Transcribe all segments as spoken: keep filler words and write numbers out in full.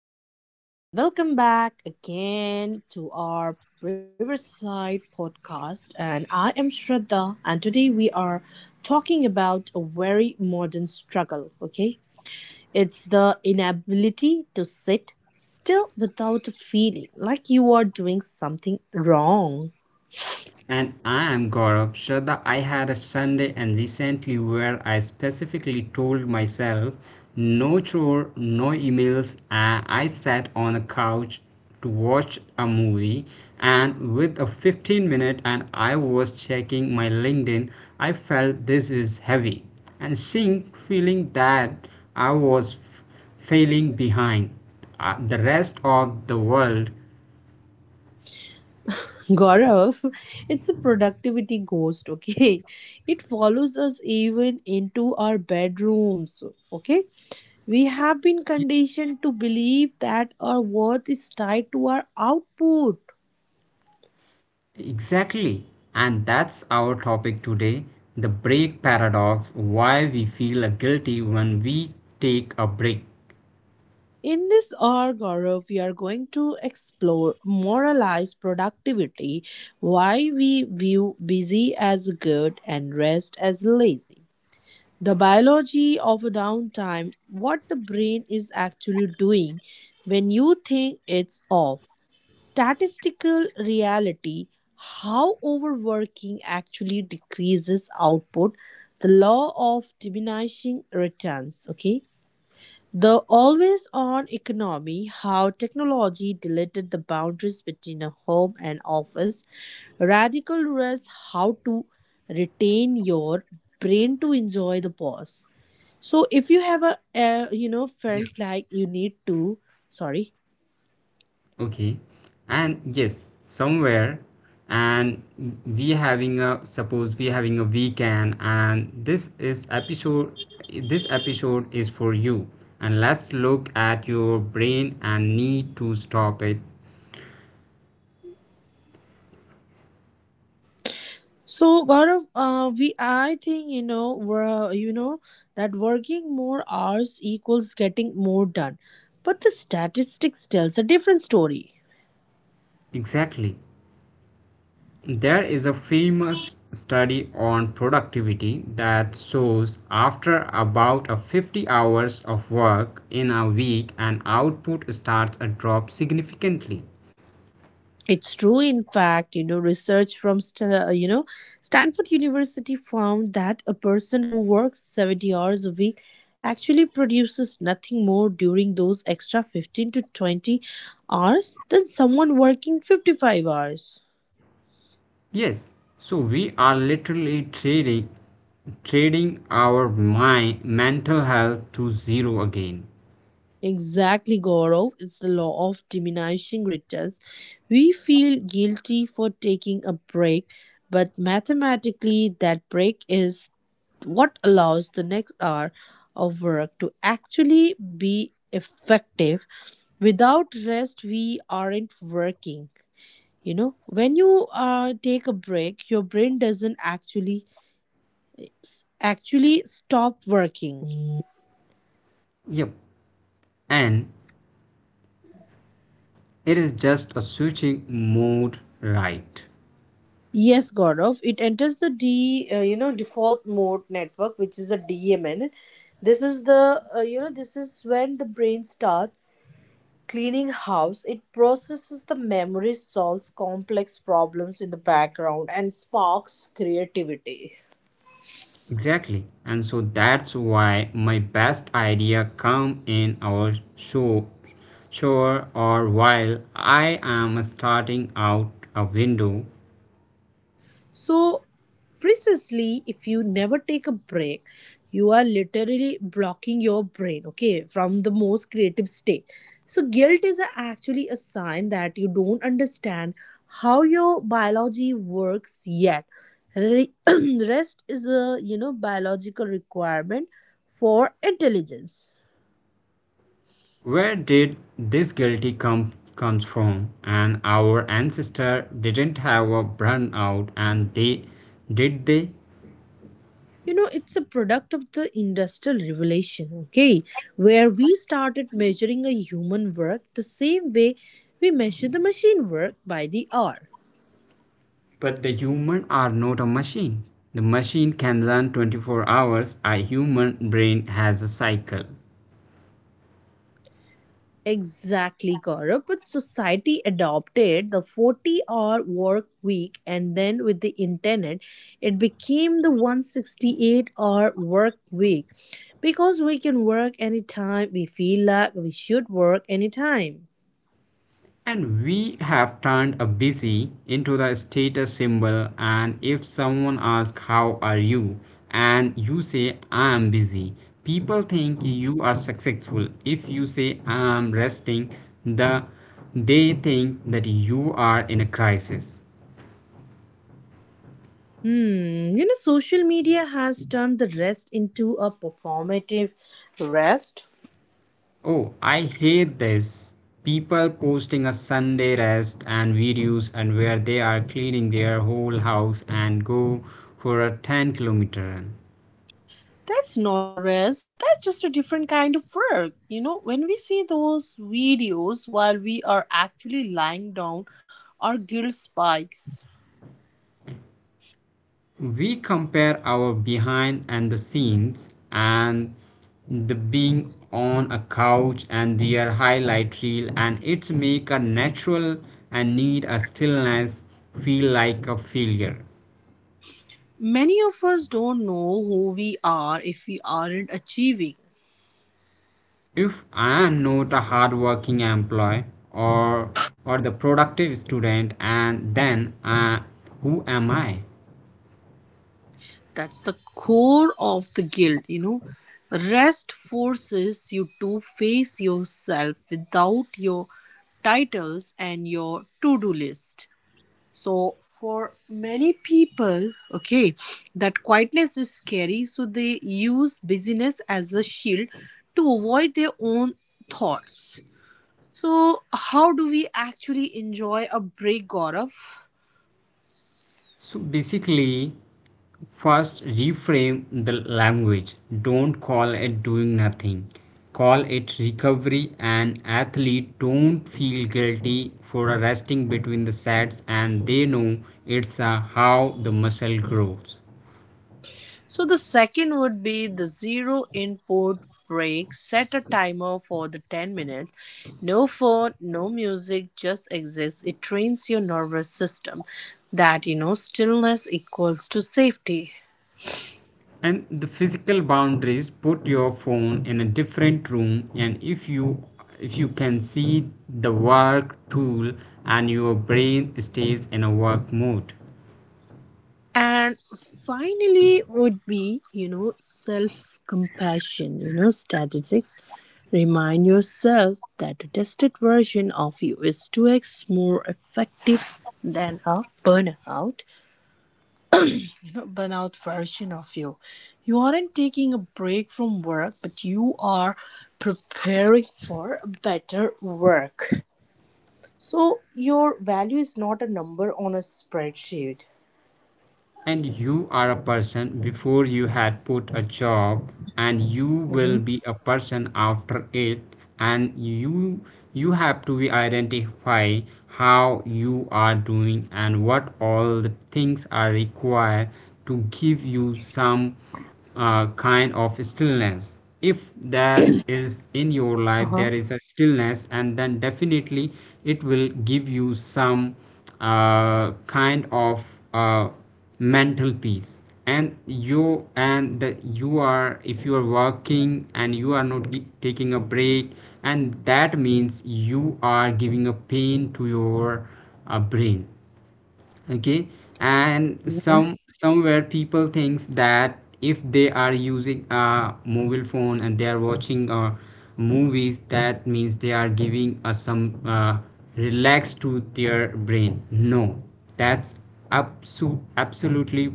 Hello, everyone, and welcome back again to our Riverside podcast. And I am Shraddha, and today we are talking about a very modern struggle. Okay, it's the inability to sit still without feeling like you are doing something wrong. And I am Gaurav. Shraddha, I had a Sunday and recently where I specifically told myself no chore, no emails, and I sat on a couch to watch a movie and with a fifteen minute and I was checking my LinkedIn, I felt this is heavy. And seeing feeling that I was f- failing behind uh, the rest of the world. Gaurav, it's a productivity ghost. Okay, it follows us even into our bedrooms. Okay, we have been conditioned to believe that our worth is tied to our output. Exactly. And that's our topic today, the break paradox, why we feel guilty when we take a break. In this hour, Gaurav, we are going to explore moralize productivity, why we view busy as good and rest as lazy, the biology of a downtime, what the brain is actually doing when you think it's off. Statistical reality, how overworking actually decreases output. The law of diminishing returns, okay? The always on economy, how technology deleted the boundaries between a home and office. Radical rest, how to retain your brain to enjoy the pause. So if you have a uh, you know Yeah. felt like you need to sorry. Okay. And yes, somewhere and we having a suppose we having a weekend and this is episode this episode is for you, and let's look at your brain and need to stop it. So Gaurav, uh, we I think you know we're, you know that working more hours equals getting more done, but the statistics tells a different story. Exactly. There is a famous study on productivity that shows after about a fifty hours of work in a week an output starts to drop significantly. It's true, in fact, you know, research from, St- uh, you know, Stanford University found that a person who works seventy hours a week actually produces nothing more during those extra fifteen to twenty hours than someone working fifty-five hours. Yes, so we are literally trading trading our mind mental health to zero again. Exactly, Gaurav. It's the law of diminishing returns. We feel guilty for taking a break, but mathematically, that break is what allows the next hour of work to actually be effective. Without rest we aren't working. You know when you uh, take a break, your brain doesn't actually actually stop working. Yep. And it is just a switching mode, right. Yes Gaurav, it enters the d uh, you know default mode network, which is a DMN. This is the uh, you know this is when the brain starts cleaning house, it processes the memory, solves complex problems in the background, and sparks creativity. Exactly. And so that's why my best idea come in our show shore or while I am starting out a window. So, precisely, if you never take a break, you are literally blocking your brain, okay, from the most creative state. So, guilt is a- actually a sign that you don't understand how your biology works yet. Re- Rest is a, you know, biological requirement for intelligence. Where did this guilty come comes from? And our ancestor didn't have a burnout, and they did they? you know it's a product of the industrial revolution, okay, where we started measuring a human work the same way we measure the machine work by the hour. But the human are not a machine. The machine can run twenty-four hours. A human brain has a cycle. Exactly, Gaurav. But society adopted the forty hour work week, and then with the internet, it became the a hundred sixty-eight hour work week, because we can work anytime, we feel like we should work anytime. And we have turned a busy into the status symbol, and if someone asks how are you and you say I am busy, people think you are successful. If you say I am resting, the they think that you are in a crisis. Hmm, you know, social media has turned the rest into a performative rest. Oh, I hate this. People posting a Sunday rest and videos and where they are cleaning their whole house and go for a ten kilometer run. That's not the rest, that's just a different kind of work. You know, when we see those videos while we are actually lying down, our guilt spikes. We compare our behind and the scenes and the being on a couch and their highlight reel, and it make a natural and need a stillness feel like a failure. Many of us don't know who we are if we aren't achieving. If I am not a hardworking employee, or or the productive student, and then uh, who am i? That's the core of the guilt, you know. Rest forces you to face yourself without your titles and your to do list. So, for many people, okay, that quietness is scary, so they use busyness as a shield to avoid their own thoughts. So, how do we actually enjoy a break, Gaurav? So basically, first reframe the language, don't call it doing nothing, call it recovery. An athlete don't feel guilty for resting between the sets, and they know it's a how the muscle grows. So the second would be the zero input break. Set a timer for the ten minutes. No phone, no music, just exists. It trains your nervous system that you know stillness equals to safety. And the physical boundaries, put your phone in a different room, and if you if you can see the work tool and your brain stays in a work mode. And finally would be, you know, self-compassion, you know, statistics. Remind yourself that a tested version of you is two x more effective than a burnout. burnout version of you. You aren't taking a break from work, but you are preparing for better work. So your value is not a number on a spreadsheet. And you are a person before you had put a job, and you will Mhm. be a person after it, and you you have to be identify how you are doing and what all the things are required to give you some uh, kind of stillness. If there is in your life, Uh-huh. there is a stillness, and then definitely it will give you some uh, kind of uh, mental peace. And you and the, you are if you are working and you are not gi- taking a break, and that means you are giving a pain to your uh, brain, okay. And some somewhere people thinks that if they are using a mobile phone and they are watching uh, movies, that means they are giving uh, some uh, relax to their brain. No, that's abso- absolutely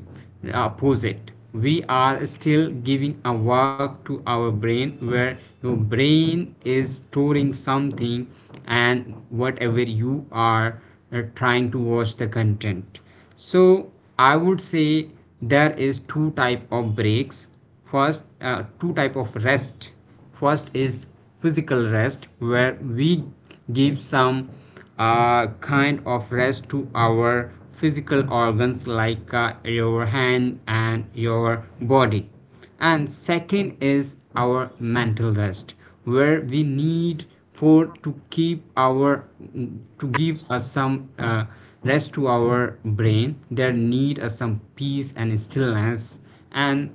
opposite. We are still giving a work to our brain where your brain is storing something and whatever you are uh, trying to watch the content. So I would say there is two type of breaks. First, uh, two type of rest. First is physical rest where we give some uh, kind of rest to our physical organs like uh, your hand and your body, and second is our mental rest where we need for to keep our to give us some uh, rest to our brain, there need us some peace and stillness. And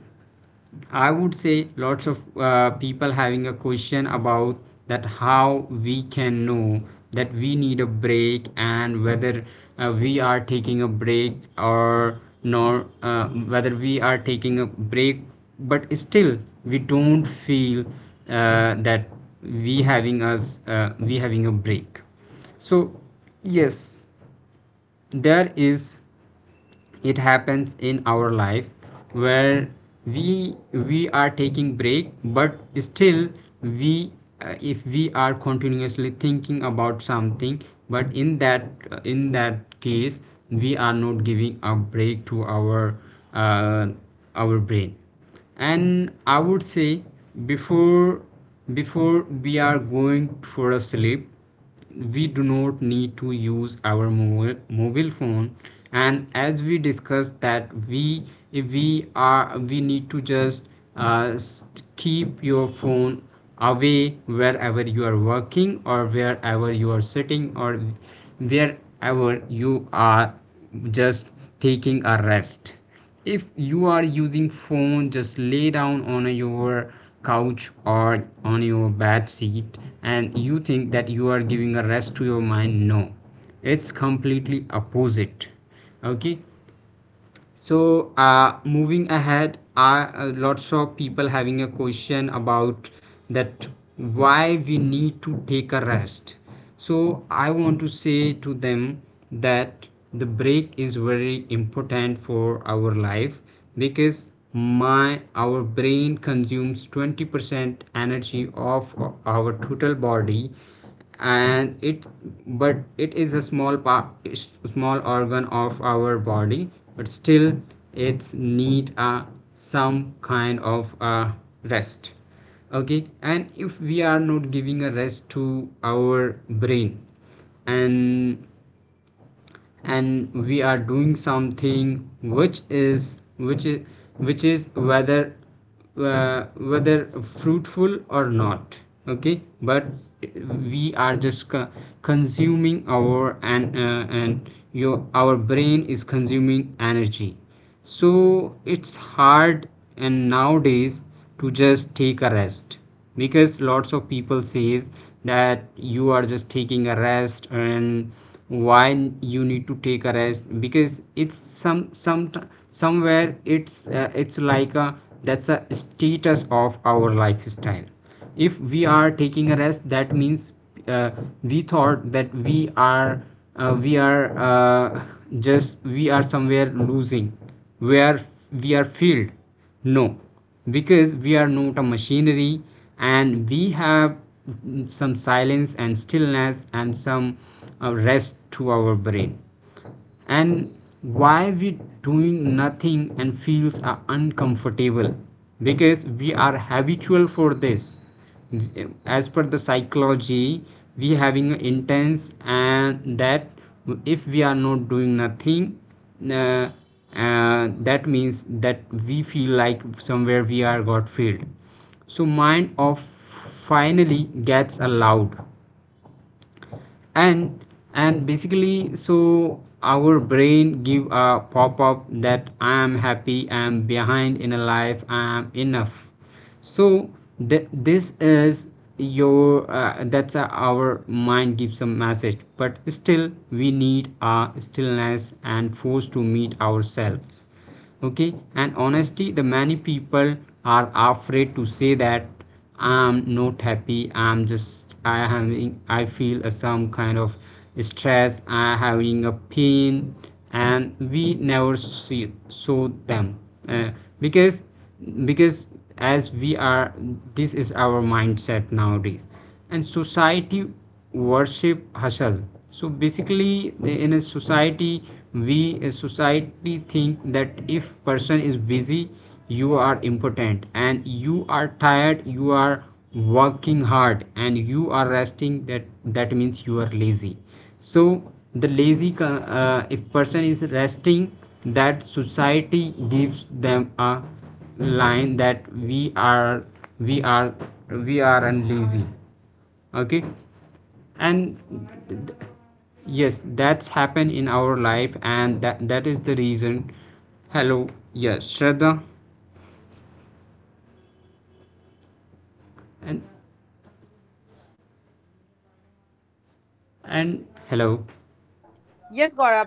I would say lots of uh, people having a question about that how we can know that we need a break, and whether uh, we are taking a break or nor, uh, whether we are taking a break but still we don't feel uh, that we having us uh, we having a break. So yes, there is, it happens in our life where we we are taking break but still we uh, if we are continuously thinking about something, but in that uh, in that case we are not giving a break to our uh, our brain. And I would say before before we are going for a sleep, we do not need to use our mobile mobile phone. And as we discussed that we if we are we need to just uh, s- keep your phone away wherever you are working or wherever you are sitting or wherever you are just taking a rest. If you are using phone, just lay down on your couch or on your bed seat and you think that you are giving a rest to your mind. No, it's completely opposite, okay. So, uh, moving ahead, are uh, lots of people having a question about that, why we need to take a rest. So, I want to say to them that the break is very important for our life because my our brain consumes twenty percent energy of our total body. And it, but it is a small part, small organ of our body, but still it's need a some kind of a rest, okay. And if we are not giving a rest to our brain, and and we are doing something which is which is which is whether uh, whether fruitful or not, okay. But we are just co- consuming our and uh, and your our brain is consuming energy, so it's hard. And nowadays, to just take a rest, because lots of people says that you are just taking a rest and why you need to take a rest, because it's some some somewhere it's uh, it's like a that's a status of our lifestyle. If we are taking a rest, that means uh, we thought that we are uh, we are uh, just we are somewhere losing where we are filled. No, because we are not a machinery, and we have some silence and stillness and some uh, rest to our brain. And why we doing nothing and feels are uncomfortable, because we are habitual for this. As per the psychology, we having a intense, and that if we are not doing nothing, uh, uh, that means that we feel like somewhere we are got filled. So mind of finally gets allowed, and and basically so our brain give a pop-up that I am happy, I am behind in a life, I am enough. So th- this is your uh, that's uh, our mind gives a message, but still we need a stillness and force to meet ourselves, okay. And honesty, the many people are afraid to say that I'm not happy, i'm just I having I feel a some kind of stress, I having a pain. And we never see show them. Uh, because because as we are, this is our mindset nowadays, and society worship hustle. So basically, in a society, we a society think that if person is busy, you are important, and you are tired, you are working hard, and you are resting, that that means you are lazy. So the lazy co- uh, if person is resting, that society gives them a line that we are we are we are unlazy, okay. And th- th- yes, that's happened in our life, and that that is the reason. Hello, yes Shraddha, and and hello. Uh, yes, Gaurav.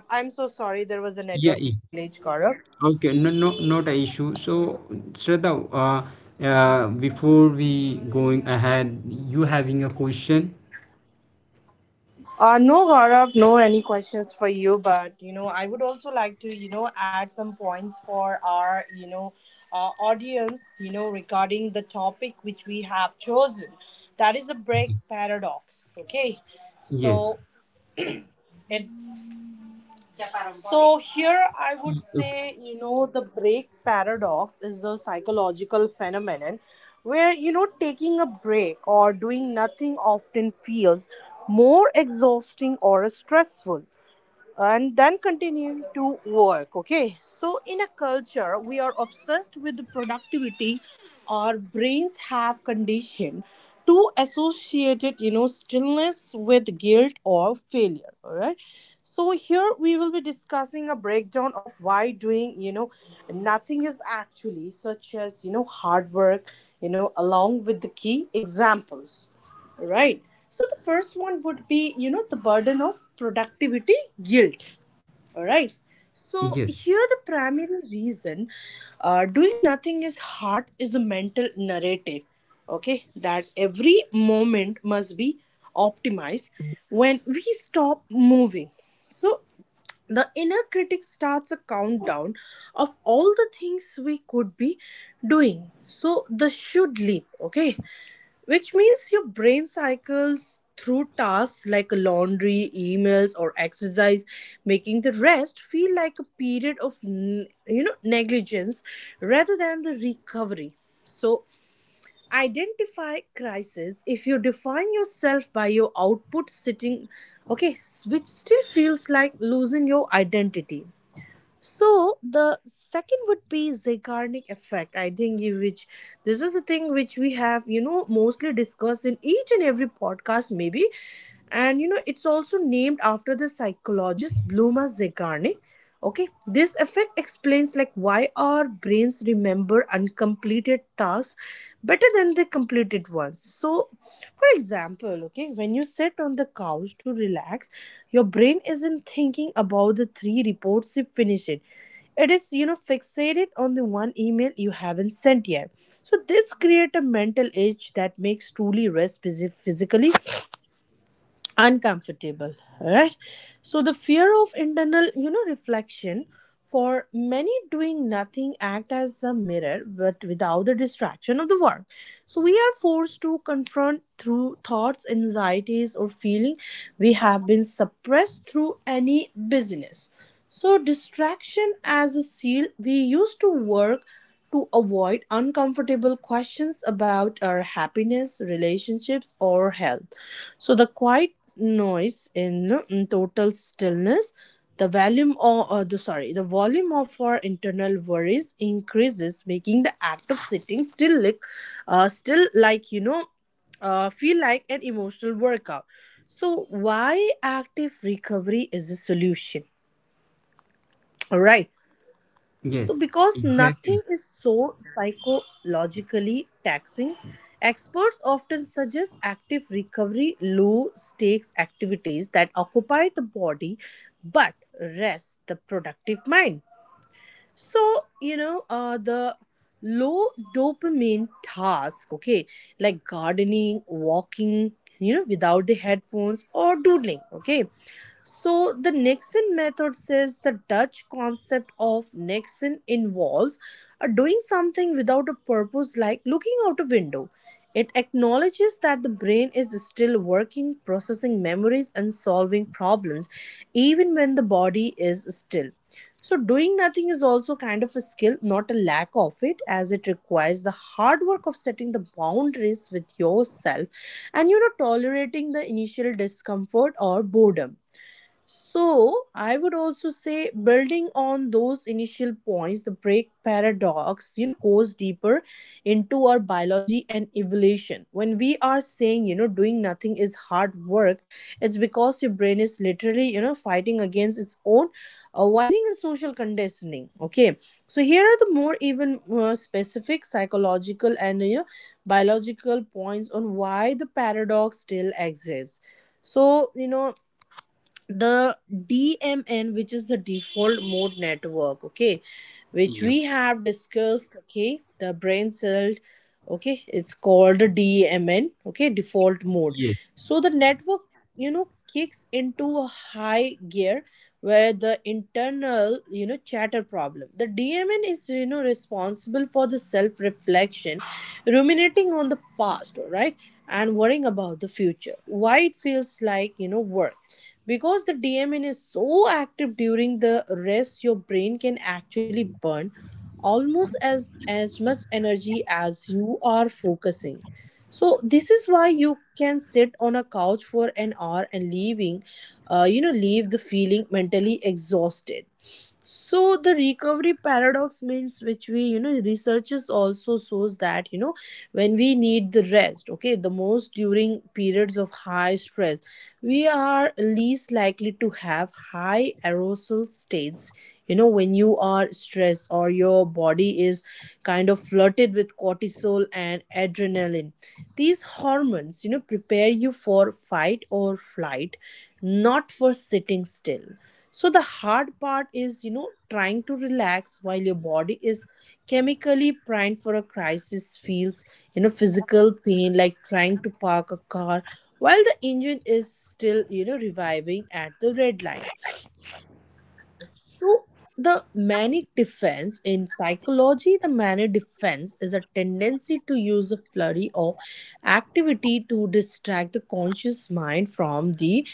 Yes, Gaurav. I'm so sorry. Yeah, There was yeah. a network glitch, Gaurav. Okay, no, no, not an issue. So Shraddha, uh, uh before we going ahead, you having a question? Uh, no, Gaurav, no any questions for you, but you know, I would also like to, you know, add some points for our, you know, uh, audience, you know, regarding the topic which we have chosen. That is a break paradox, okay? Yes. So it's so here I would Y- say, okay. you know, the break paradox is the psychological phenomenon where, you know, taking a break or doing nothing often feels more exhausting or stressful and then continue to work, okay, so in a culture we are obsessed with the productivity. Our brains have conditioned to associate it, you know, stillness with guilt or failure, all right. So here we will be discussing a breakdown of why doing, you know, nothing is actually such as you know hard work, you know, along with the key examples. Right. So the first one would be, you know, the burden of productivity guilt. All right. So Yes. here the primary reason uh, doing nothing is hard is a mental narrative. Okay, that every moment must be optimized when we stop moving. So the inner critic starts a countdown of all the things we could be doing. So the should leap. Okay, which means your brain cycles through tasks like laundry, emails, or exercise, making the rest feel like a period of n- you know negligence rather than the recovery. So identify crisis. If you define yourself by your output sitting, okay, s- which still feels like losing your identity. So the second would be Zeigarnik effect. I think you which this is the thing which we have, you know, mostly discussed in each and every podcast maybe, and you know it's also named after the psychologist Bluma Zeigarnik. Okay, this effect explains like why our brains remember uncompleted tasks better than the completed ones. So, for example, okay, when you sit on the couch to relax, your brain isn't thinking about the three reports you finished, it is you know fixated on the one email you haven't sent yet. So this create a mental edge that makes truly rest phys- physically uncomfortable. All right, so the fear of internal, you know, reflection for many doing nothing act as a mirror but without the distraction of the work. So we are forced to confront through thoughts anxieties or feeling we have been suppressed through any business. So distraction as a seal we used to work to avoid uncomfortable questions about our happiness, relationships, or health. So, the quiet noise in in total stillness, the volume of uh, the, sorry, the volume of our internal worries increases, making the act of sitting still like, uh, still like you know, uh, feel like an emotional workout. So, why active recovery is a solution? All right. So, Yes. because nothing Exactly. is so psychologically taxing, experts often suggest active recovery, low stakes activities that occupy the body but rest the productive mind. So, you know, uh, the low dopamine task, okay, like gardening, walking, you know, without the headphones or doodling, okay, so, the Nixon method says the Dutch concept of Nixon involves uh, doing something without a purpose, like looking out a window. It acknowledges that the brain is still working, processing memories, and solving problems, even when the body is still. So, doing nothing is also kind of a skill, not a lack of it, as it requires the hard work of setting the boundaries with yourself and, you know, tolerating the initial discomfort or boredom. So, I would also say building on those initial points, the break paradox, you know, goes deeper into our biology and evolution. When we are saying, you know, doing nothing is hard work, it's because your brain is literally, you know, fighting against its own uh, wiring and social conditioning. Okay. So, here are the more even more specific psychological and, you know, biological points on why the paradox still exists. So, you know, the D M N, which is the default mode network, okay, which Yeah. we have discussed, okay, the brain cell, okay, it's called the D M N, okay, default mode. Yes. So the network, you know, kicks into a high gear where the internal, you know, chatter problem. The D M N is, you know, responsible for the self reflection, ruminating on the past, all right, and worrying about the future. Why it feels like, you know, work, because the dopamine is so active during the rest your brain can actually burn almost as as much energy as you are focusing. So this is why you can sit on a couch for an hour and leaving uh, you know leave the feeling mentally exhausted. So the recovery paradox means which we you know researchers also shows that you know when we need the rest, okay, the most during periods of high stress, we are least likely to have high arousal states. You know, when you are stressed or your body is kind of flooded with cortisol and adrenaline, these hormones you know prepare you for fight or flight, not for sitting still. So the hard part is, you know, trying to relax while your body is chemically primed for a crisis feels, you know, physical pain, like trying to park a car while the engine is still, you know, reviving at the red line. So the manic defense in psychology, the manic defense is a tendency to use a flurry or activity to distract the conscious mind from the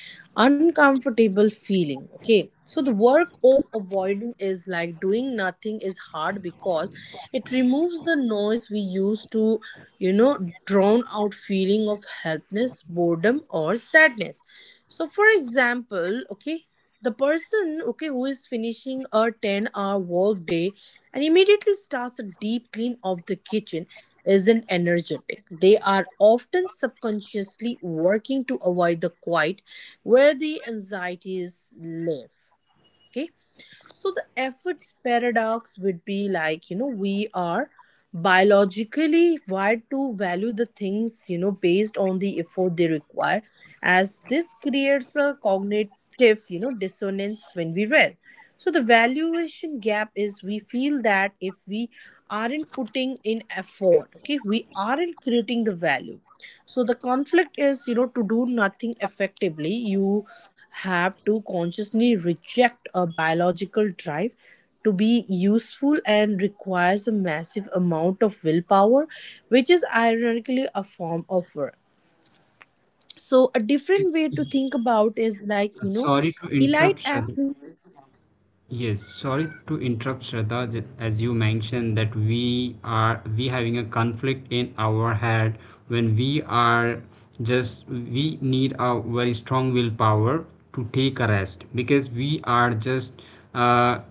uncomfortable feeling. Okay. So the work of avoiding is like doing nothing is hard because it removes the noise we use to, you know, drown out feeling of helplessness, boredom, or sadness. So for example, okay, the person okay who is finishing a ten hour work day and immediately starts a deep clean of the kitchen isn't energetic, they are often subconsciously working to avoid the quiet where the anxieties live, okay. So the efforts paradox would be like, you know, we are biologically wired to value the things, you know, based on the effort they require, as this creates a cognitive, you know, dissonance when we rest. So the valuation gap is we feel that if we aren't putting in effort, okay, we aren't creating the value. So the conflict is, you know, to do nothing effectively, you have to consciously reject a biological drive to be useful and requires a massive amount of willpower, which is ironically a form of work. So a different Yes. way to Yes. think about is like, Uh, you know, sorry to interrupt elite Shraddha. athletes Yes, sorry to interrupt, Shraddha. j- As you mentioned that we are we having a conflict in our head when we are just we need a very strong willpower to take a rest because we are just uh,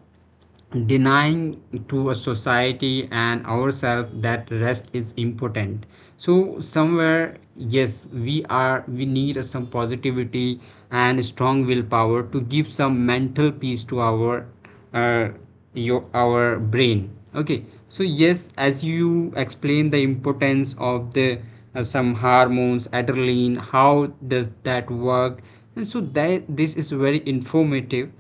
denying to a society and ourselves that rest is important. So somewhere, yes, we are we need some positivity and strong willpower to give some mental peace to our uh, your our brain. Okay, so yes, as you explain the importance of the uh, some hormones, adrenaline, how does that work, and so that this is very informative.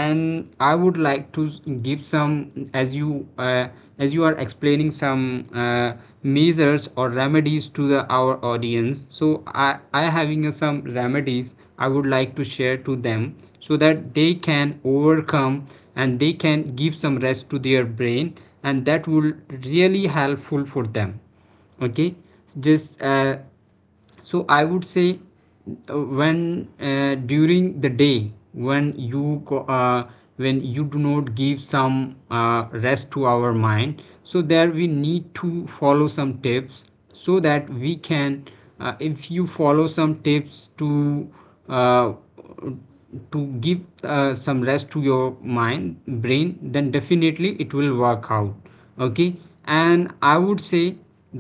And I would like to s- give some, as you uh, as you are explaining some uh, measures or remedies to the our audience, so i i having uh, some remedies I would like to share to them, so that they can overcome and they can give some rest to their brain, and that will really helpful for them. Okay. Just uh, so I would say, uh, when uh, during the day when you go, uh, when you do not give some uh, rest to our mind, so there we need to follow some tips so that we can uh, if you follow some tips to uh, to give uh, some rest to your mind, brain, then definitely it will work out. Okay. And I would say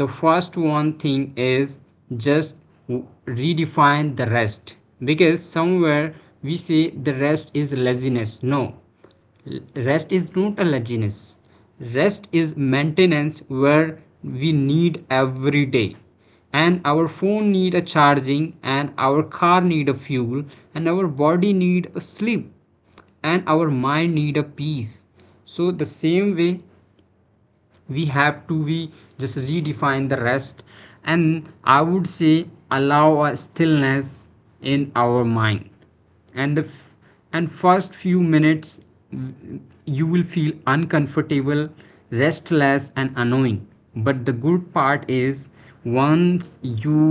the first one thing is just redefine the rest, because somewhere we say the rest is laziness. No, rest is not a laziness. Rest is maintenance where we need every day. And our phone need a charging, and our car need a fuel, and our body need a sleep, and our mind need a peace. So the same way, we have to we just redefine the rest. And I would say allow a stillness in our mind, and the f- and first few minutes, mm, you will feel uncomfortable, restless and annoying. But the good part is, once you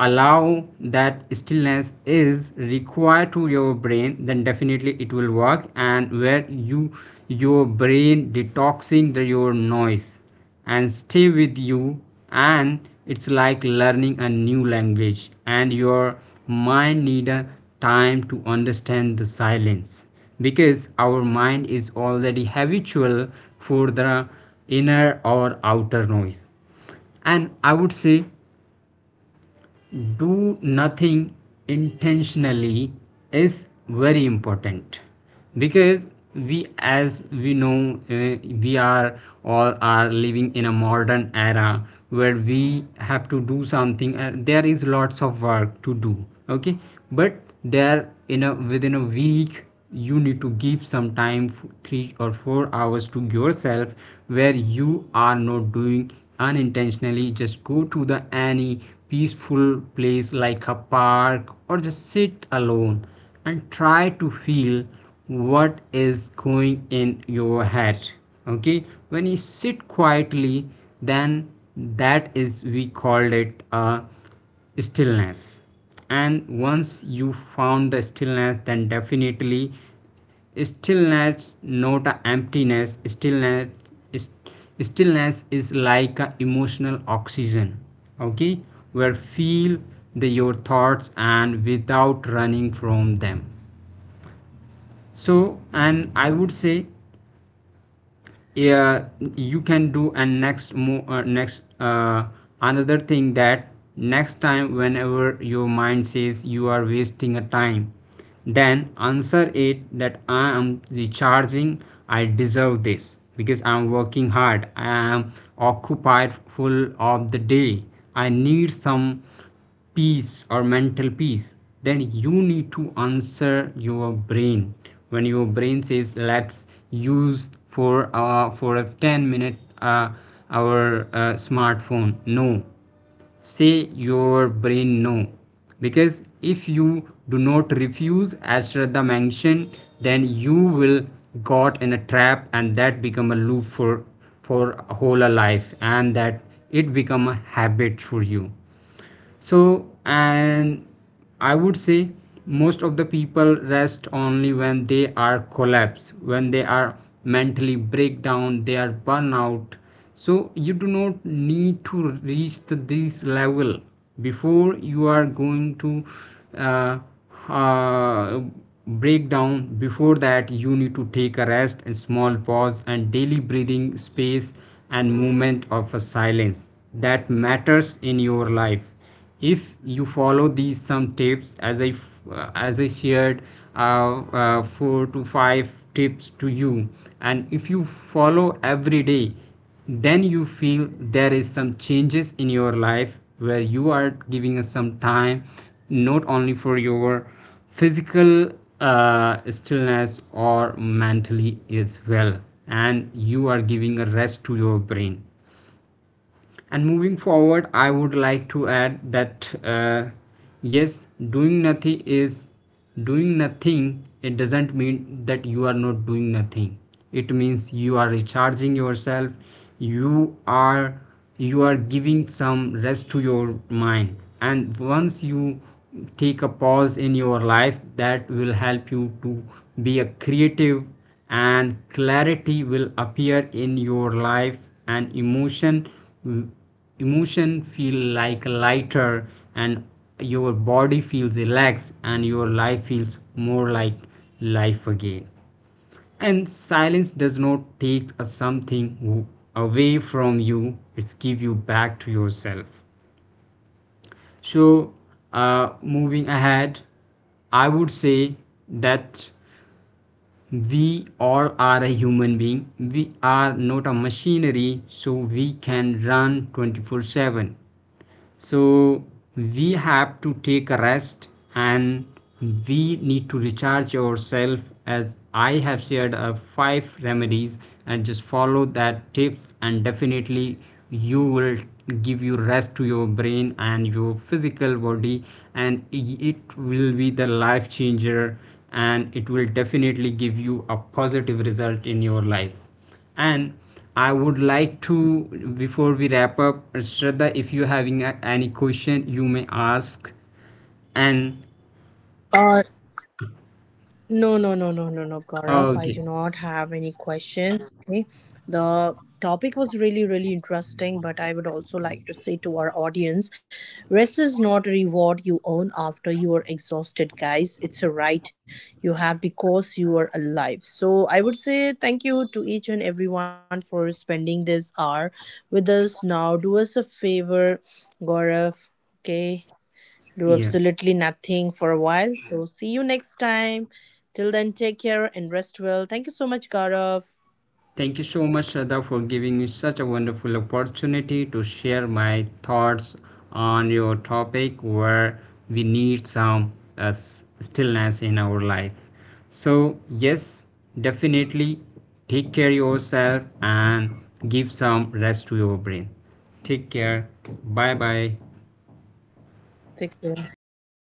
allow that stillness is required to your brain, then definitely it will work, and where you, your brain detoxing the, your noise and stay with you. And it's like learning a new language, and your mind need a time to understand the silence, because our mind is already habitual for the inner or outer noise. And I would say, do nothing intentionally is very important, because we as we know uh, we are all are living in a modern era, where we have to do something and there is lots of work to do. Okay. But there in a within a week, you need to give some time, three or four hours to yourself, where you are not doing, unintentionally just go to the any peaceful place like a park, or just sit alone and try to feel what is going in your head. Okay, when you sit quietly, then that is we called it a stillness. And once you found the stillness, then definitely, stillness not a emptiness, stillness, stillness is like a emotional oxygen. Okay, where feel the, your thoughts and without running from them. So, and I would say, yeah, you can do. And next mo- uh, next uh, another thing, that next time whenever your mind says you are wasting a time, then answer it that I am recharging, I deserve this because I am working hard, I am occupied full of the day, I need some peace or mental peace. Then you need to answer your brain. When your brain says let's use for uh, for a ten minute uh, our uh, smartphone, no, say your brain no, because if you do not refuse, as Shraddha mentioned, then you will got in a trap, and that become a loop for for whole a life, and that, it become a habit for you. So, and I would say, most of the people rest only when they are collapse, when they are mentally breakdown, they are burnout. So you do not need to reach the, this level, before you are going to uh, uh, breakdown. Before that, you need to take a rest and small pause and daily breathing space and movement of a silence, that matters in your life. If you follow these some tips, as I uh, as I shared uh, uh, four to five tips to you, and if you follow every day, then you feel there is some changes in your life, where you are giving us some time, not only for your physical, uh, stillness or mentally as well, and you are giving a rest to your brain. And moving forward, I would like to add that, uh, yes, doing nothing is doing nothing, it doesn't mean that you are not doing nothing, it means you are recharging yourself, you are, you are giving some rest to your mind. And once you take a pause in your life, that will help you to be a creative, and clarity will appear in your life, and emotion, mm, emotion feel like lighter, and your body feels relaxed, and your life feels more like life again. And silence does not take a something w- away from you, it's give you back to yourself. So, uh, moving ahead, I would say that we all are a human being, we are not a machinery, so we can run twenty-four seven. So we have to take a rest, and we need to recharge yourself. As I have shared uh, five remedies, and just follow that tips, and definitely you will give you rest to your brain and your physical body. And it will be the life changer, and it will definitely give you a positive result in your life. And I would like to, before we wrap up, Shraddha, if you're having a, any question, you may ask. And uh, no, no, no, no, no, no, Gaurav. I do not okay, have any questions. Okay. The topic was really, really interesting, but I would also like to say to our audience rest is not a reward you earn after you are exhausted, guys. It's a right you have because you are alive. So I would say thank you to each and everyone for spending this hour with us. Now, do us a favor, Gaurav. Okay, do yeah. absolutely nothing for a while. So see you next time. Till then, take care and rest well. Thank you so much, Gaurav. Thank you so much, Shraddha, for giving me such a wonderful opportunity to share my thoughts on your topic, where we need some uh, s- stillness in our life. So, yes, definitely take care yourself and give some rest to your brain. Take care. Bye bye. Take care. Bye bye, guys.